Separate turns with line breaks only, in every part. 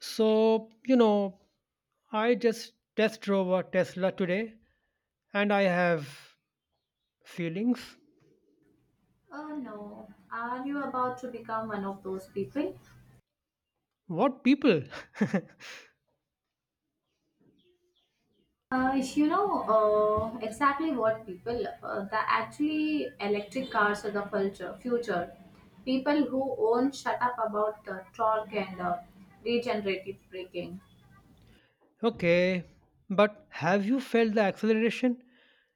So, you know, I just test drove a Tesla today and I have feelings.
Oh no, are you about to become one of those people?
What people?
You know exactly what people. The Actually electric cars are the future. People who own shut up about torque and regenerative braking.
Okay, but have you felt the acceleration?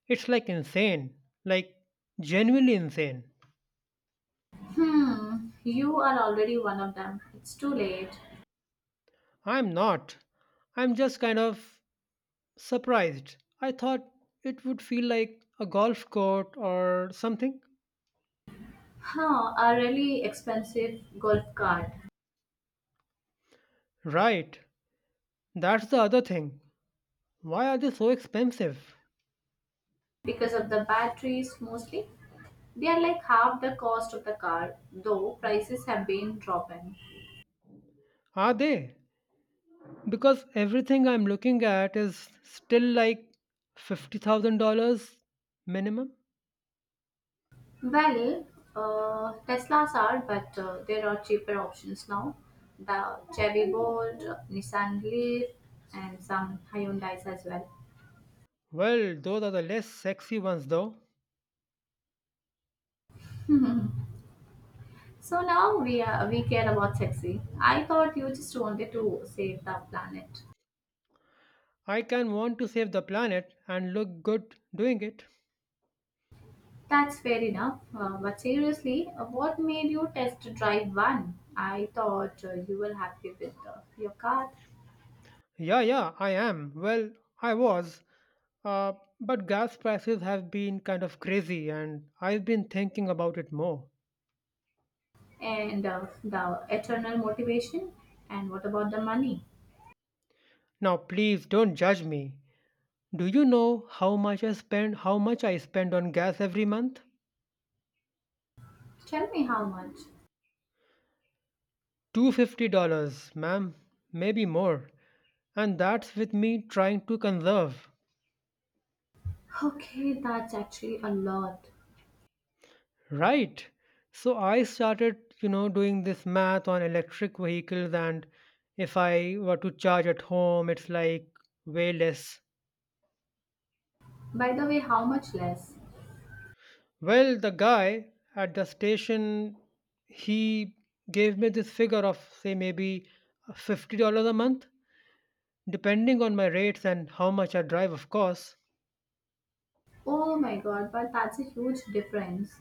It's like insane, like genuinely insane.
Hmm, you are already one of them. It's too late.
I'm not. I'm just kind of surprised. I thought it would feel like a golf court or something.
Huh, a really expensive golf cart.
Right, that's the other thing. Why are they so expensive?
Because of the batteries mostly. They are like half the cost of the car, though prices have been dropping.
Are they? Because everything I'm looking at is still like $50,000 minimum.
Well, Teslas are, but there are cheaper options now. The Chevy Bolt, Nissan Leaf, and some Hyundai's as well.
Well, those are the less sexy ones though.
So now we care about sexy. I thought you just wanted to save the planet.
I can want to save the planet and look good doing it.
That's fair enough. But seriously, what made you test drive one? I thought you were happy with your car.
Yeah, yeah, I am. Well, I was. Uh, but gas prices have been kind of crazy and I've been thinking about it more.
And the eternal motivation. And what about the money?
Now, please don't judge me. Do you know how much I spend on gas every month?
Tell me how much.
$250, ma'am, maybe more. And that's with me trying to conserve,
Okay, that's actually a lot.
right? So I started, you know, doing this math on electric vehicles, and if I were to charge at home, it's like way less.
By the way, how much less?
Well, the guy at the station, he gave me this figure of, say, maybe $50 a month, depending on my rates and how much I drive, of course.
Oh my god, but that's a huge difference.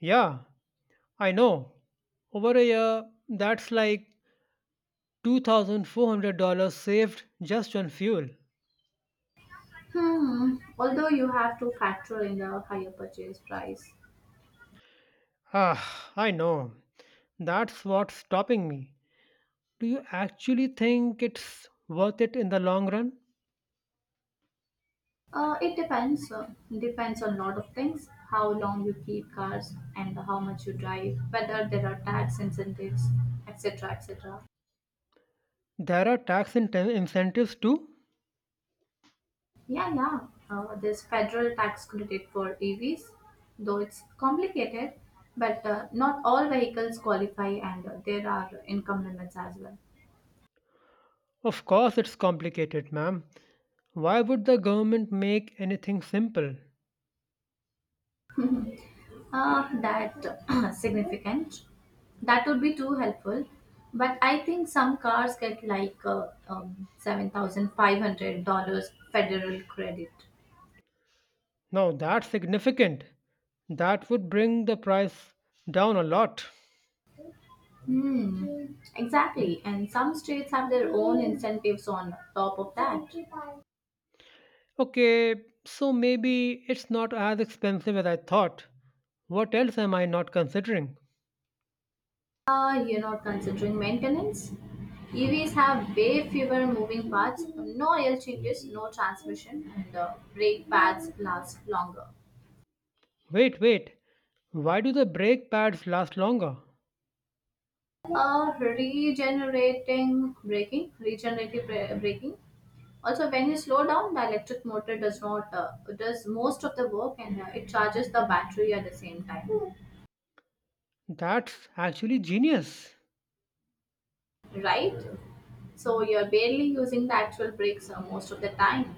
Yeah, I know. Over a year, that's like $2,400 saved just on fuel.
Hmm, although you have to factor in the higher purchase price.
Ah, I know. That's what's stopping me. Do you actually think it's worth it in the long run?
It depends. Depends on a lot of things. How long you keep cars and how much you drive, whether there are tax incentives, etc., etc.
There are incentives too?
Yeah, yeah. There's federal tax credit for EVs, though it's complicated, but not all vehicles qualify, and there are income limits as well.
Of course, it's complicated, ma'am. Why would the government make anything simple?
Ah, that significant. That would be too helpful. But I think some cars get like $7,500 federal credit.
Now, that's significant. That would bring the price down a lot.
Hmm, exactly. And some states have their own incentives on top of that.
Okay, so maybe it's not as expensive as I thought. What else am I not considering?
Ah, you're not considering maintenance? EVs have way fewer moving parts, no oil changes, no transmission, and brake pads last longer.
Wait, wait. Why do the brake pads last longer?
Regenerating braking, regenerative bra- braking. Also, when you slow down, the electric motor does not does most of the work, and it charges the battery at the same time,
That's actually genius.
right? So you're barely using the actual brakes most of the time.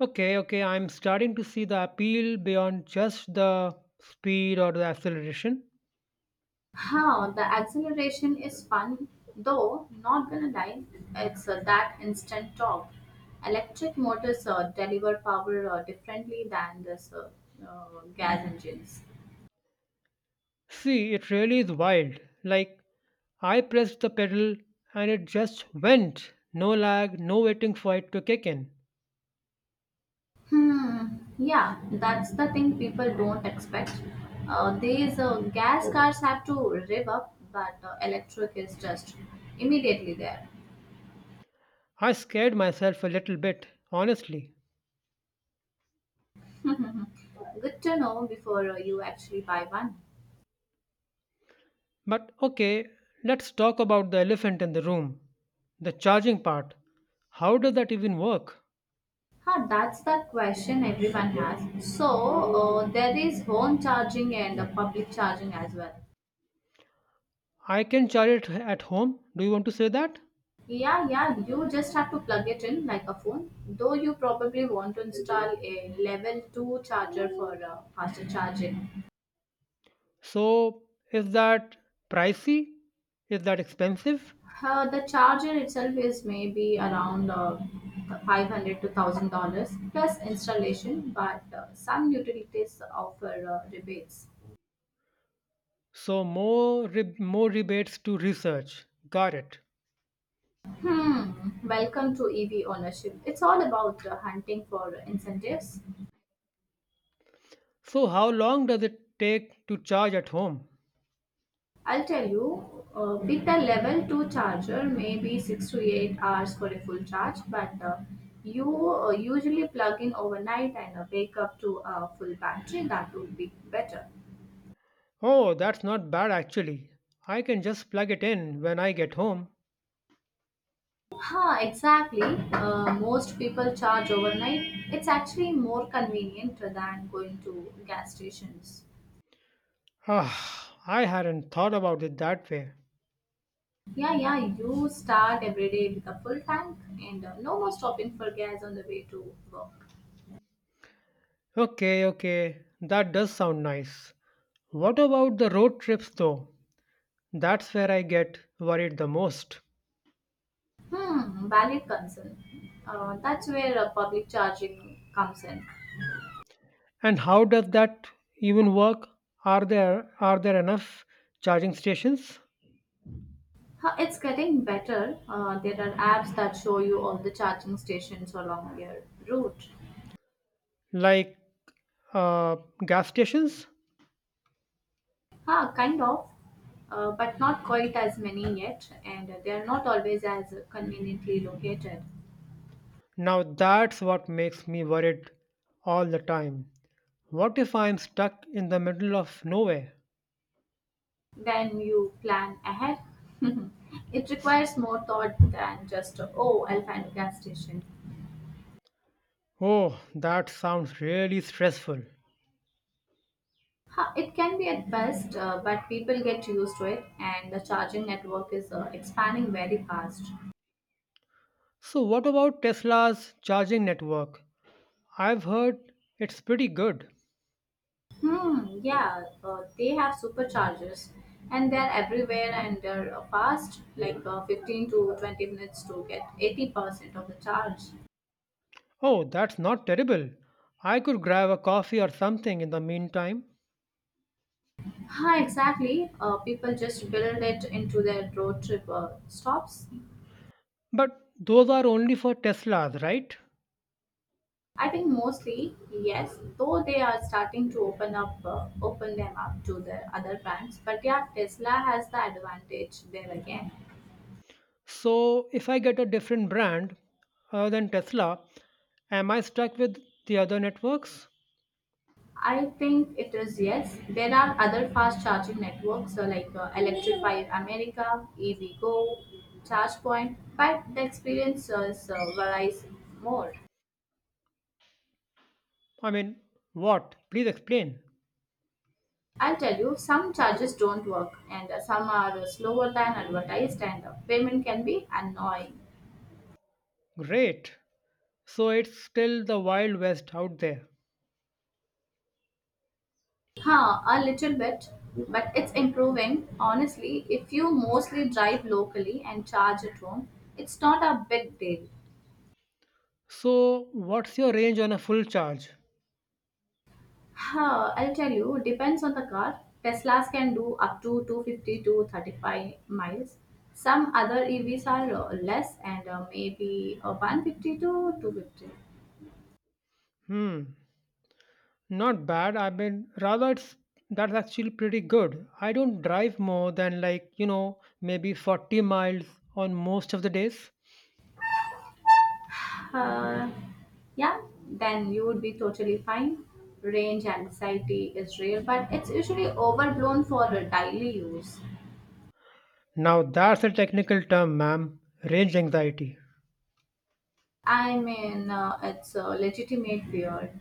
Okay, okay, I'm starting to see the appeal beyond just the speed or the acceleration.
How the acceleration is fun, though not gonna lie, it's that instant torque. Electric motors deliver power differently than this gas engines.
See, it really is wild. Like, I pressed the pedal and it just went. No lag, no waiting for it to kick in.
Hmm. Yeah, that's the thing people don't expect. These gas cars have to rev up, but electric is just immediately there.
I scared myself a little bit, honestly.
Good to know before you actually buy one.
But okay, let's talk about the elephant in the room, the charging part. How does that even work?
Huh, that's the question everyone has. So there is home charging and public charging as well.
I can charge it at home. Do you want to say that?
Yeah, yeah, you just have to plug it in like a phone. Though you probably want to install a level 2 charger for faster charging.
So, is that pricey? Is that expensive?
The charger itself is maybe around 500 to $1,000 plus installation, but some utilities offer rebates.
So, more rebates to research. Got it.
Hmm, welcome to EV ownership. It's all about hunting for incentives.
So, how long does it take to charge at home?
I'll tell you. With a level 2 charger, maybe 6 to 8 hours for a full charge. But you usually plug in overnight and wake up to a full battery. That would be better.
Oh, that's not bad actually. I can just plug it in when I get home.
Huh, exactly. Most people charge overnight. It's actually more convenient than going to gas stations.
Ah, I hadn't thought about it that way.
Yeah, yeah, you start every day with a full tank and no more stopping for gas on the way to work.
Okay, okay, that does sound nice. What about the road trips though? That's where I get worried the most.
Hmm, valid concern. That's where public charging comes in.
And how does that even work? Are there enough charging stations
Huh, it's getting better. There are apps that show you all the charging stations along your route.
like uh, gas stations?
Ah, kind of, but not quite as many yet, and they are not always as conveniently located.
Now that's what makes me worried all the time. What if I'm stuck in the middle of nowhere?
Then you plan ahead. It requires more thought than just, oh, I'll find a gas station.
Oh, that sounds really stressful.
Ha, it can be at best, but people get used to it, and the charging network is expanding very fast.
So, what about Tesla's charging network? I've heard it's pretty good.
Hmm, yeah, they have superchargers, and they're everywhere, and they're fast, like 15 to 20 minutes to get 80% of the charge.
Oh, that's not terrible. I could grab a coffee or something in the meantime.
Huh, exactly. People just build it into their road trip stops.
But those are only for Teslas, right?
I think mostly, yes, though they are starting to open them up to the other brands. But yeah, Tesla has the advantage there again.
So if I get a different brand other than Tesla, am I stuck with the other networks?
I think it is, yes. There are other fast charging networks like Electrify America, EVgo, ChargePoint, but the experience varies more.
I mean, what? Please explain.
I'll tell you, some charges don't work, and some are slower than advertised, and payment can be annoying.
Great. So it's still the Wild West out there.
Huh, a little bit, but it's improving. Honestly, if you mostly drive locally and charge at home, it's not a big deal.
So what's your range on a full charge?
Huh, I'll tell you, depends on the car. Teslas can do up to 250 to 35 miles. Some other EVs are less, and maybe 150 to 250.
Hmm, not bad. I mean, rather, it's that's actually pretty good. I don't drive more than like, you know, maybe 40 miles on most of the days.
Uh, yeah, then you would be totally fine. Range anxiety is real, but it's usually overblown for daily use.
Now, that's a technical term, ma'am. Range anxiety.
I mean, it's a legitimate fear.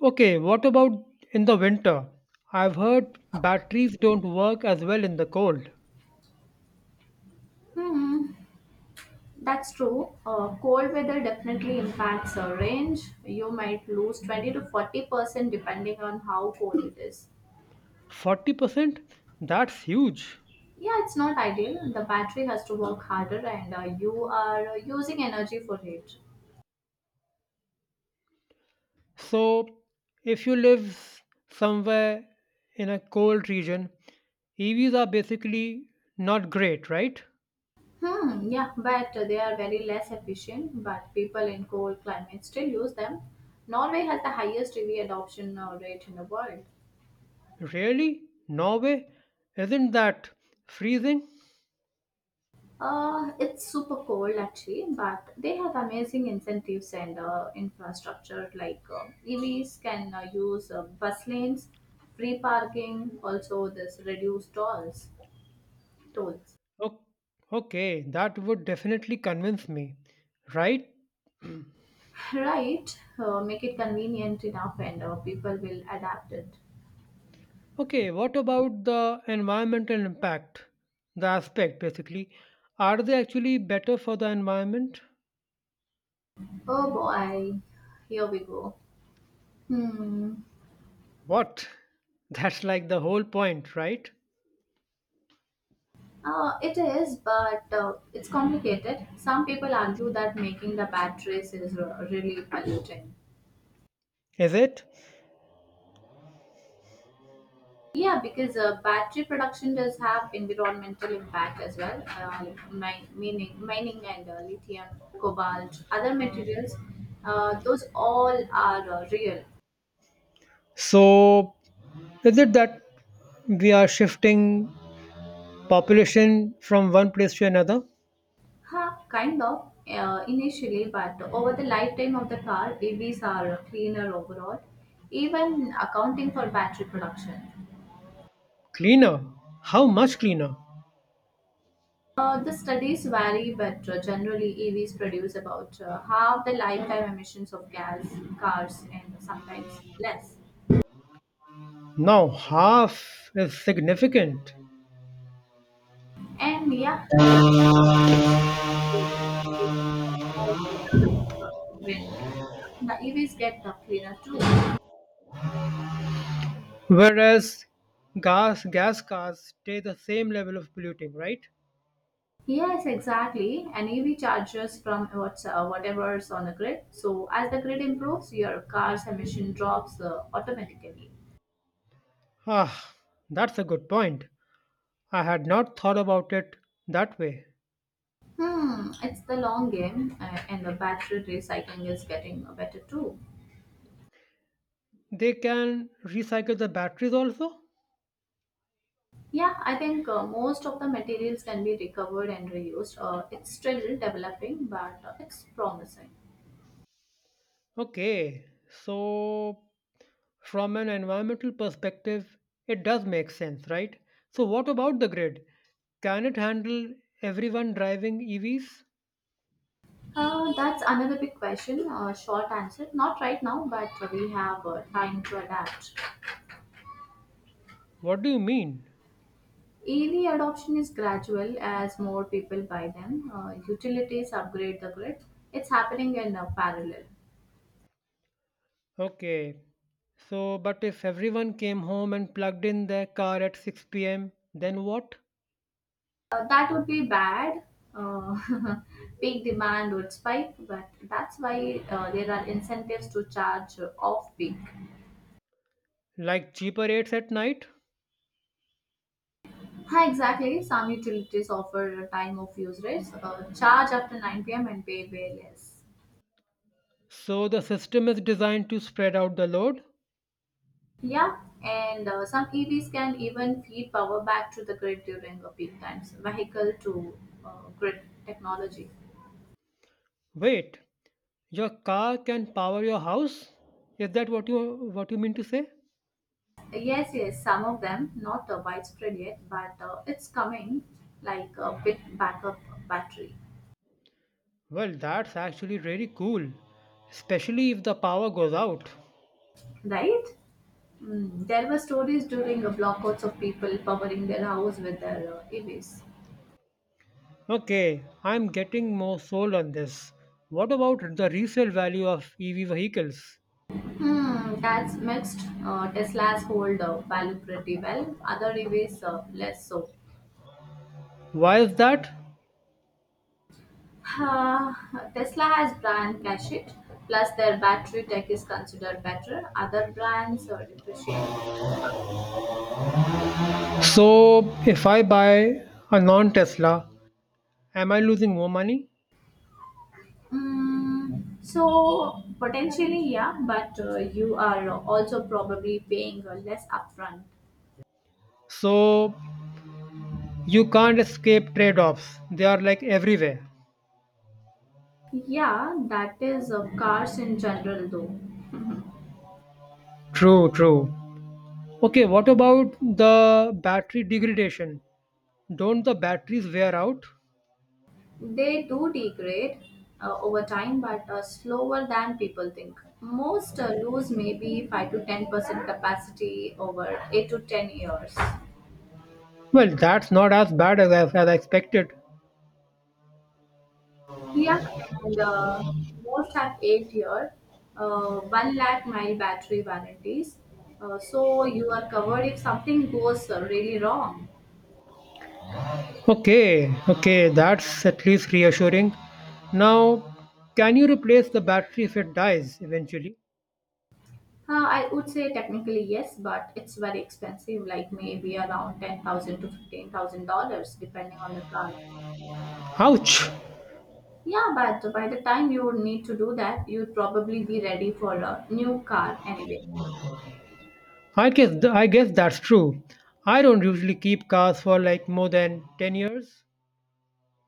Okay, what about in the winter? I've heard batteries don't work as well in the cold.
Hmm, that's true. Cold weather definitely impacts our range. You might lose 20 to 40% depending on how cold it is.
40%? That's huge.
Yeah, it's not ideal. The battery has to work harder and you are using energy for it.
So, if you live somewhere in a cold region, EVs are basically not great, right?
Hmm, yeah, but they are very less efficient, but people in cold climates still use them. Norway has the highest EV adoption rate in the world.
Really? Norway? Isn't that freezing?
It's super cold actually, but they have amazing incentives and infrastructure like EVs can use bus lanes, free parking, also this reduced tolls.
O- Okay, that would definitely convince me, right?
Right, make it convenient enough and people will adapt it.
Okay, what about the environmental impact? The aspect, basically. Are they actually better for the environment?
Oh boy, here we go. Hmm.
What? That's like the whole point, right?
It is, but it's complicated. Some people argue that making the batteries is really polluting.
Is it?
Yeah, because battery production does have environmental impact as well. Mining and lithium, cobalt, other materials, those all are real.
So, is it that we are shifting population from one place to another?
Huh, kind of initially, but over the lifetime of the car, EVs are cleaner overall, even accounting for battery production.
Cleaner? How much cleaner?
The studies vary, but generally EVs produce about half the lifetime emissions of gas cars and sometimes less.
Now half is significant,
And yeah, electricity, wind, etc. The EVs get the cleaner too.
whereas gas cars stay the same level of polluting, right?
Yes, exactly. An EV charges from what's whatever's on the grid. So as the grid improves, your car's emission drops automatically.
Ah, that's a good point. I had not thought about it that way.
Hmm, it's the long game, and the battery recycling is getting better too.
They can recycle the batteries also?
Yeah, I think most of the materials can be recovered and reused. It's still developing, but it's promising.
Okay, so from an environmental perspective, it does make sense, right? So, what about the grid? Can it handle everyone driving EVs?
That's another big question. Short answer, not right now, but we have time to adapt.
What do you mean?
EV adoption is gradual as more people buy them. Utilities upgrade the grid. It's happening in parallel.
Okay. So, but if everyone came home and plugged in their car at 6 p.m., then what?
That would be bad. Uh, Peak demand would spike, but that's why there are incentives to charge off peak.
Like cheaper rates at night?
Hi, exactly. Some utilities offer time of use rates. Charge after 9 p.m. and pay way less.
So, the system is designed to spread out the load.
Yeah, and some EVs can even feed power back to the grid during the peak times. Vehicle to uh, grid technology.
Wait, your car can power your house? Is that what you mean to say?
Yes, yes, some of them, not widespread yet, but it's coming like a big backup battery,
Well, that's actually really cool, especially if the power goes out.
right? Mm, there were stories during the blackouts of people powering their house with their EVs.
Okay, I'm getting more sold on this. What about the resale value of EV vehicles?
Hmm, that's mixed. Teslas hold value pretty well, other EVs less so.
Why is that?
Uh, Tesla has brand cachet, plus their battery tech is considered better. Other brands depreciate.
So if I buy a non-Tesla, am I losing more money?
Mm, so potentially, yeah, but you are also probably paying less upfront.
So you can't escape trade-offs. They are like everywhere.
Yeah, that is cars in general though.
True, true. Okay, what about the battery degradation? Don't the batteries wear out?
They do degrade over time, but slower than people think. Most lose maybe 5 to 10% capacity over 8 to 10 years.
Well, that's not as bad as I expected.
Yeah, and most have 8 year, one lakh mile battery warranties. So you are covered if something goes really wrong.
Okay, okay, that's at least reassuring. Now, can you replace the battery if it dies eventually?
I would say technically yes, but it's very expensive, like maybe around $10,000 to $15,000, depending on the car.
Ouch!
Yeah, but by the time you would need to do that, you'd probably be ready for a new car anyway.
I guess that's true. I don't usually keep cars for like more than 10 years.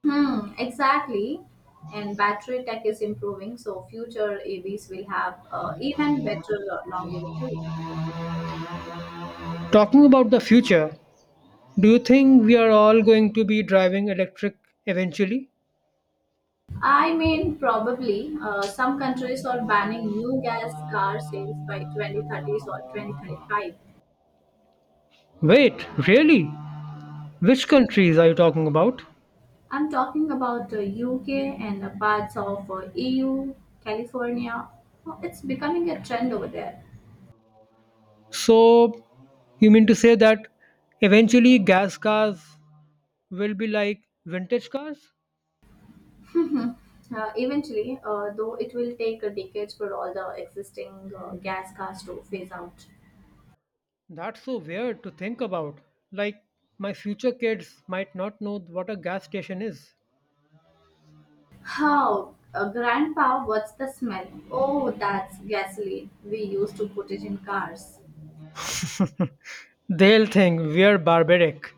Hmm, exactly. And battery tech is improving, so future EVs will have even better longevity.
Talking about the future, do you think we are all going to be driving electric eventually?
I mean, probably some countries are banning new gas car sales by 2030s or 2035.
Wait, really? Which countries are you talking about?
I'm talking about the UK and the parts of EU, California. Oh, it's becoming a trend over there.
So, you mean to say that eventually gas cars will be like vintage cars?
Eventually, though, it will take a decade for all the existing gas cars to phase out.
That's so weird to think about. Like, my future kids might not know what a gas station is.
How? Grandpa, what's the smell? Oh, that's gasoline. We used to put it in cars.
They'll think we're barbaric.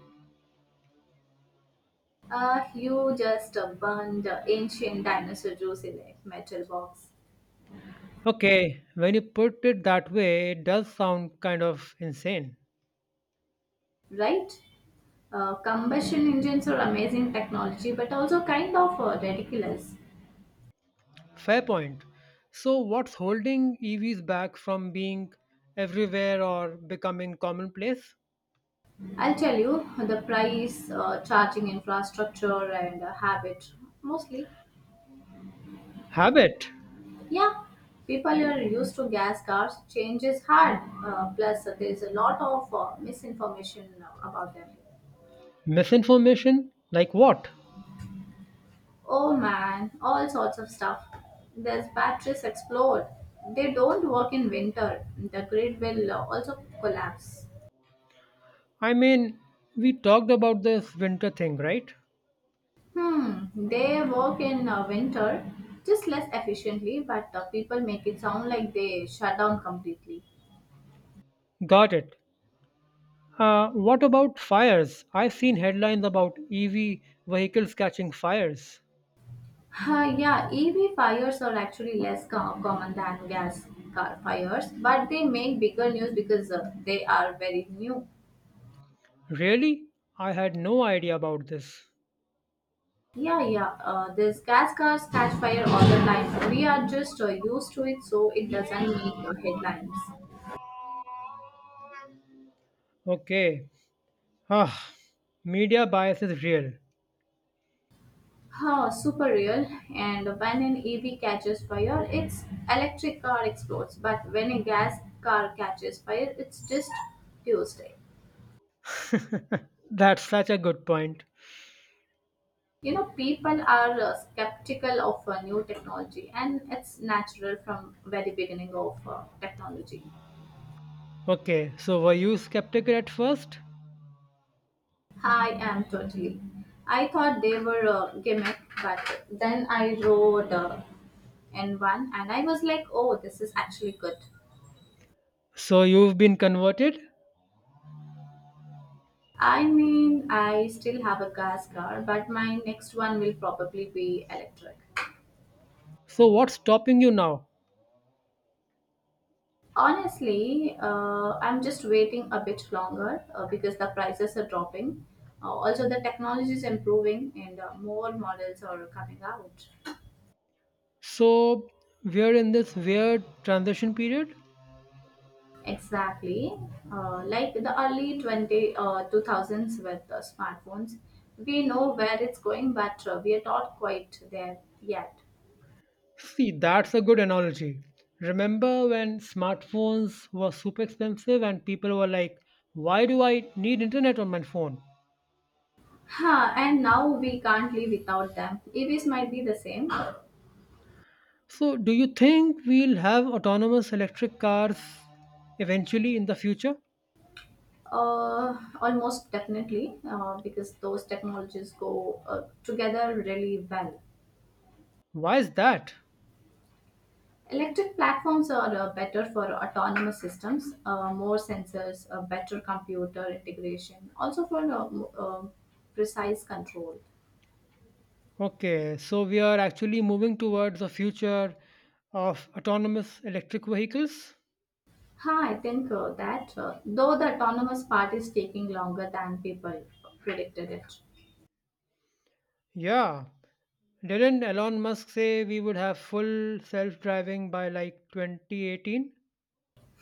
You just burned the ancient dinosaur juice in a metal box,
Okay, when you put it that way, it does sound kind of insane.
right? Combustion engines are amazing technology, but also kind of ridiculous.
Fair point. So, what's holding EVs back from being everywhere or becoming commonplace?
I'll tell you the price, charging infrastructure, and habit mostly.
Habit.
Yeah, people are used to gas cars. Change is hard. Plus, there's a lot of misinformation about them.
Misinformation? Like what?
Oh man, all sorts of stuff. There's batteries explode. They don't work in winter. The grid will also collapse.
I mean, we talked about this winter thing, right?
They work in winter just less efficiently, but people make it sound like they shut down completely.
Got it. What about fires? I've seen headlines about EV vehicles catching fires.
Yeah, EV fires are actually common than gas car fires, but they make bigger news because they are very new.
Really? I had no idea about this.
Yeah, yeah, these gas cars catch fire all the time. We are just used to it, so it doesn't make headlines.
Okay, ah, media bias is real.
Huh, super real. And when an EV catches fire, its electric car explodes. But when a gas car catches fire, it's just Tuesday.
That's such a good point.
People are skeptical of new technology, and it's natural from very beginning of technology.
Okay, so were you skeptical at first?
I am totally. I thought they were a gimmick, but then I rode in one and I was like, oh, this is actually good.
So you've been converted?
I mean, I still have a gas car, but my next one will probably be electric.
So what's stopping you now?
Honestly, I'm just waiting a bit longer because the prices are dropping. Also, the technology is improving and more models are coming out.
So we're in this weird transition period?
Exactly. Like the early 2000s with smartphones, we know where it's going, but we are not quite there yet.
See, that's a good analogy. Remember when smartphones were super expensive and people were like, why do I need internet on my phone?
Huh, and now we can't live without them. EVs might be the same.
So do you think we'll have autonomous electric cars eventually in the future?
Almost definitely, because those technologies go together really well.
Why is that?
Electric platforms are better for autonomous systems, more sensors, better computer integration, also for precise control.
Okay, so we are actually moving towards a future of autonomous electric vehicles?
Huh, I think that though the autonomous part is taking longer than people predicted it.
Yeah. Didn't Elon Musk say we would have full self driving by like 2018?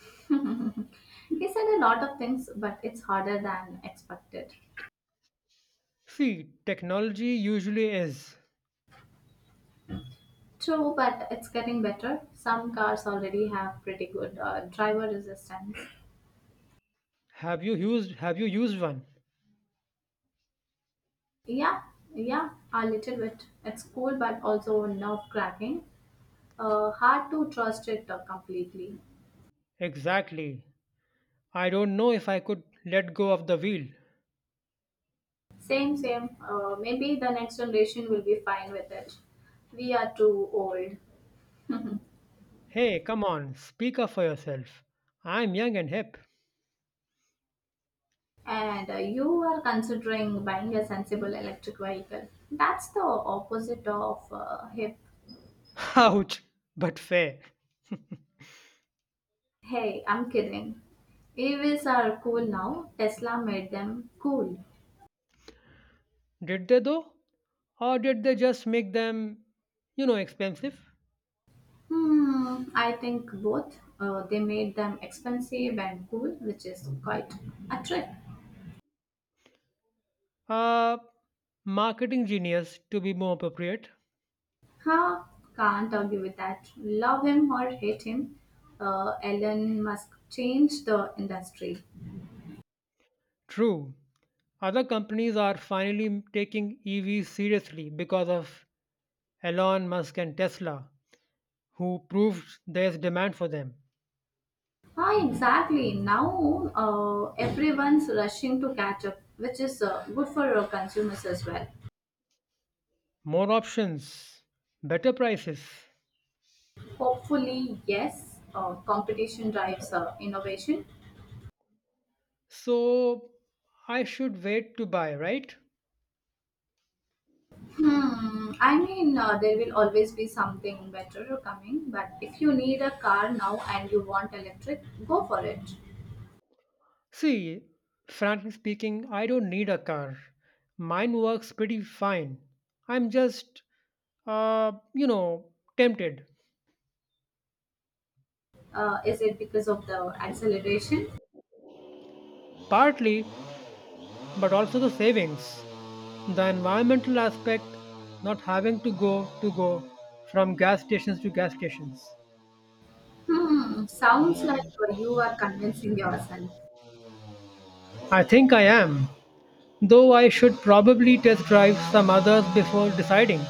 He said a lot of things, but it's harder than expected.
See, technology usually is.
True, but it's getting better. Some cars already have pretty good driver resistance.
Have you used one?
Yeah, yeah, a little bit. It's cool, but also nerve-cracking. Hard to trust it completely.
Exactly. I don't know if I could let go of the wheel.
Same, same. Maybe the next generation will be fine with it. We are too old.
Hey, come on, speak up for yourself. I'm young and hip.
And you are considering buying a sensible electric vehicle. That's the opposite of hip.
Ouch, but fair.
Hey, I'm kidding. EVs are cool now. Tesla made them cool.
Did they though? Or did they just make them, you know, expensive?
Hmm, I think both. They made them expensive and cool, which is quite a trick.
Uh, Marketing genius, to be more appropriate.
Huh? Can't argue with that. Love him or hate him, Elon Musk changed the industry.
True. Other companies are finally taking EVs seriously because of Elon Musk and Tesla, who proved there's demand for them.
Ah, exactly. Now everyone's rushing to catch up, which is good for consumers as well.
More options, better prices.
Hopefully, yes. Competition drives innovation.
So I should wait to buy, right?
Hmm. I mean, there will always be something better coming. But if you need a car now and you want electric, go for it.
See, frankly speaking, I don't need a car. Mine works pretty fine. I'm just, you know, tempted.
Is it because of the acceleration?
Partly, but also the savings. The environmental aspect, not having to go from gas stations to gas stations.
Hmm. Sounds like you are convincing yourself.
I think I am, though I should probably test drive some others before deciding.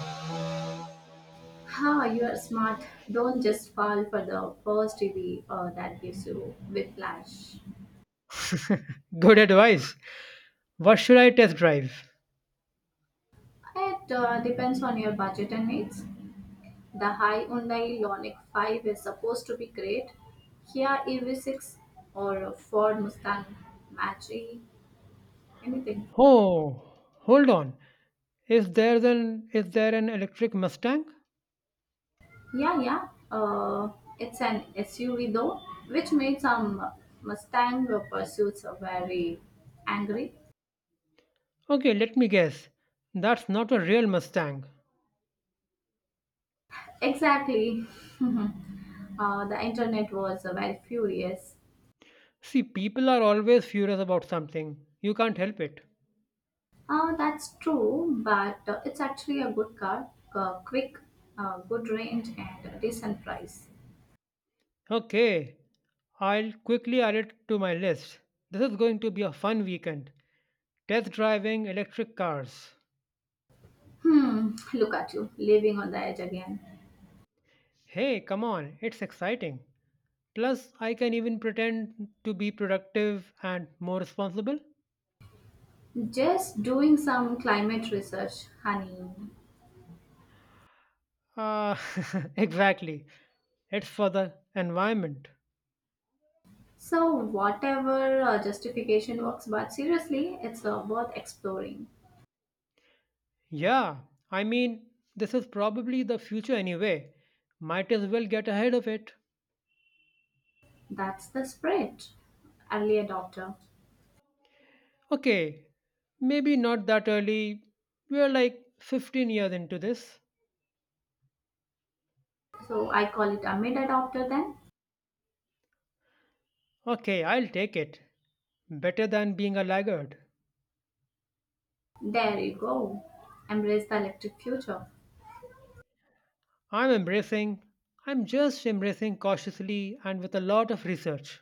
Ha! You are smart. Don't just fall for the first EV that gives you whiplash.
Good advice. What should I test drive?
It depends on your budget and needs. The high Hyundai Ioniq 5 is supposed to be great. Kia EV6 or a Ford Mustang Mach-E, anything.
Oh, hold on. Is there an electric Mustang?
Yeah, yeah. It's an SUV though, which made some Mustang pursuits very angry.
Okay, let me guess. That's not a real Mustang.
Exactly. The internet was very furious.
See, people are always furious about something. You can't help it.
That's true, but it's actually a good car, quick, good range, and a decent price.
Okay, I'll quickly add it to my list. This is going to be a fun weekend. Test driving electric cars.
Hmm, look at you, living on the edge again.
Hey, come on, it's exciting. Plus, I can even pretend to be productive and more responsible.
Just doing some climate research, honey.
Ah, exactly. It's for the environment.
So, whatever justification works, but seriously, it's worth exploring.
Yeah, I mean, this is probably the future anyway. Might as well get ahead of it.
That's the spirit. Early adopter.
Okay, maybe not that early. We're like 15 years into this.
So, I call it a mid adopter then.
Okay, I'll take it. Better than being a laggard.
There you go. Embrace the electric future.
I'm embracing, I'm just embracing cautiously and with a lot of research.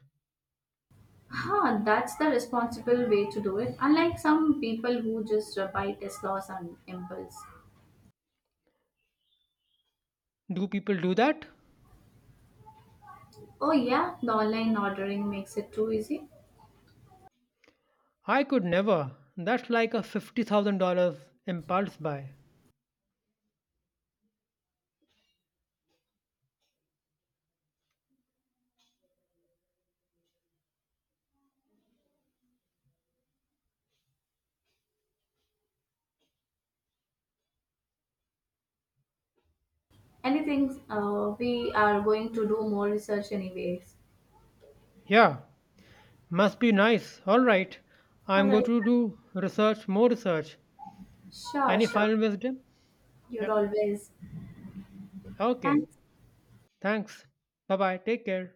Huh, that's the responsible way to do it, unlike some people who just buy Teslas on impulse.
Do people do that?
Oh, yeah, the online ordering makes it too easy.
I could never. That's like a $50,000 impulse buy.
Anything, we are going to do more research anyways.
Yeah, must be nice. All right.
All
I'm going
right.
to do research, More research.
Sure,
Any
sure.
final wisdom?
You're
Yep.
always.
Okay.
Thanks.
Thanks. Bye bye. Take care.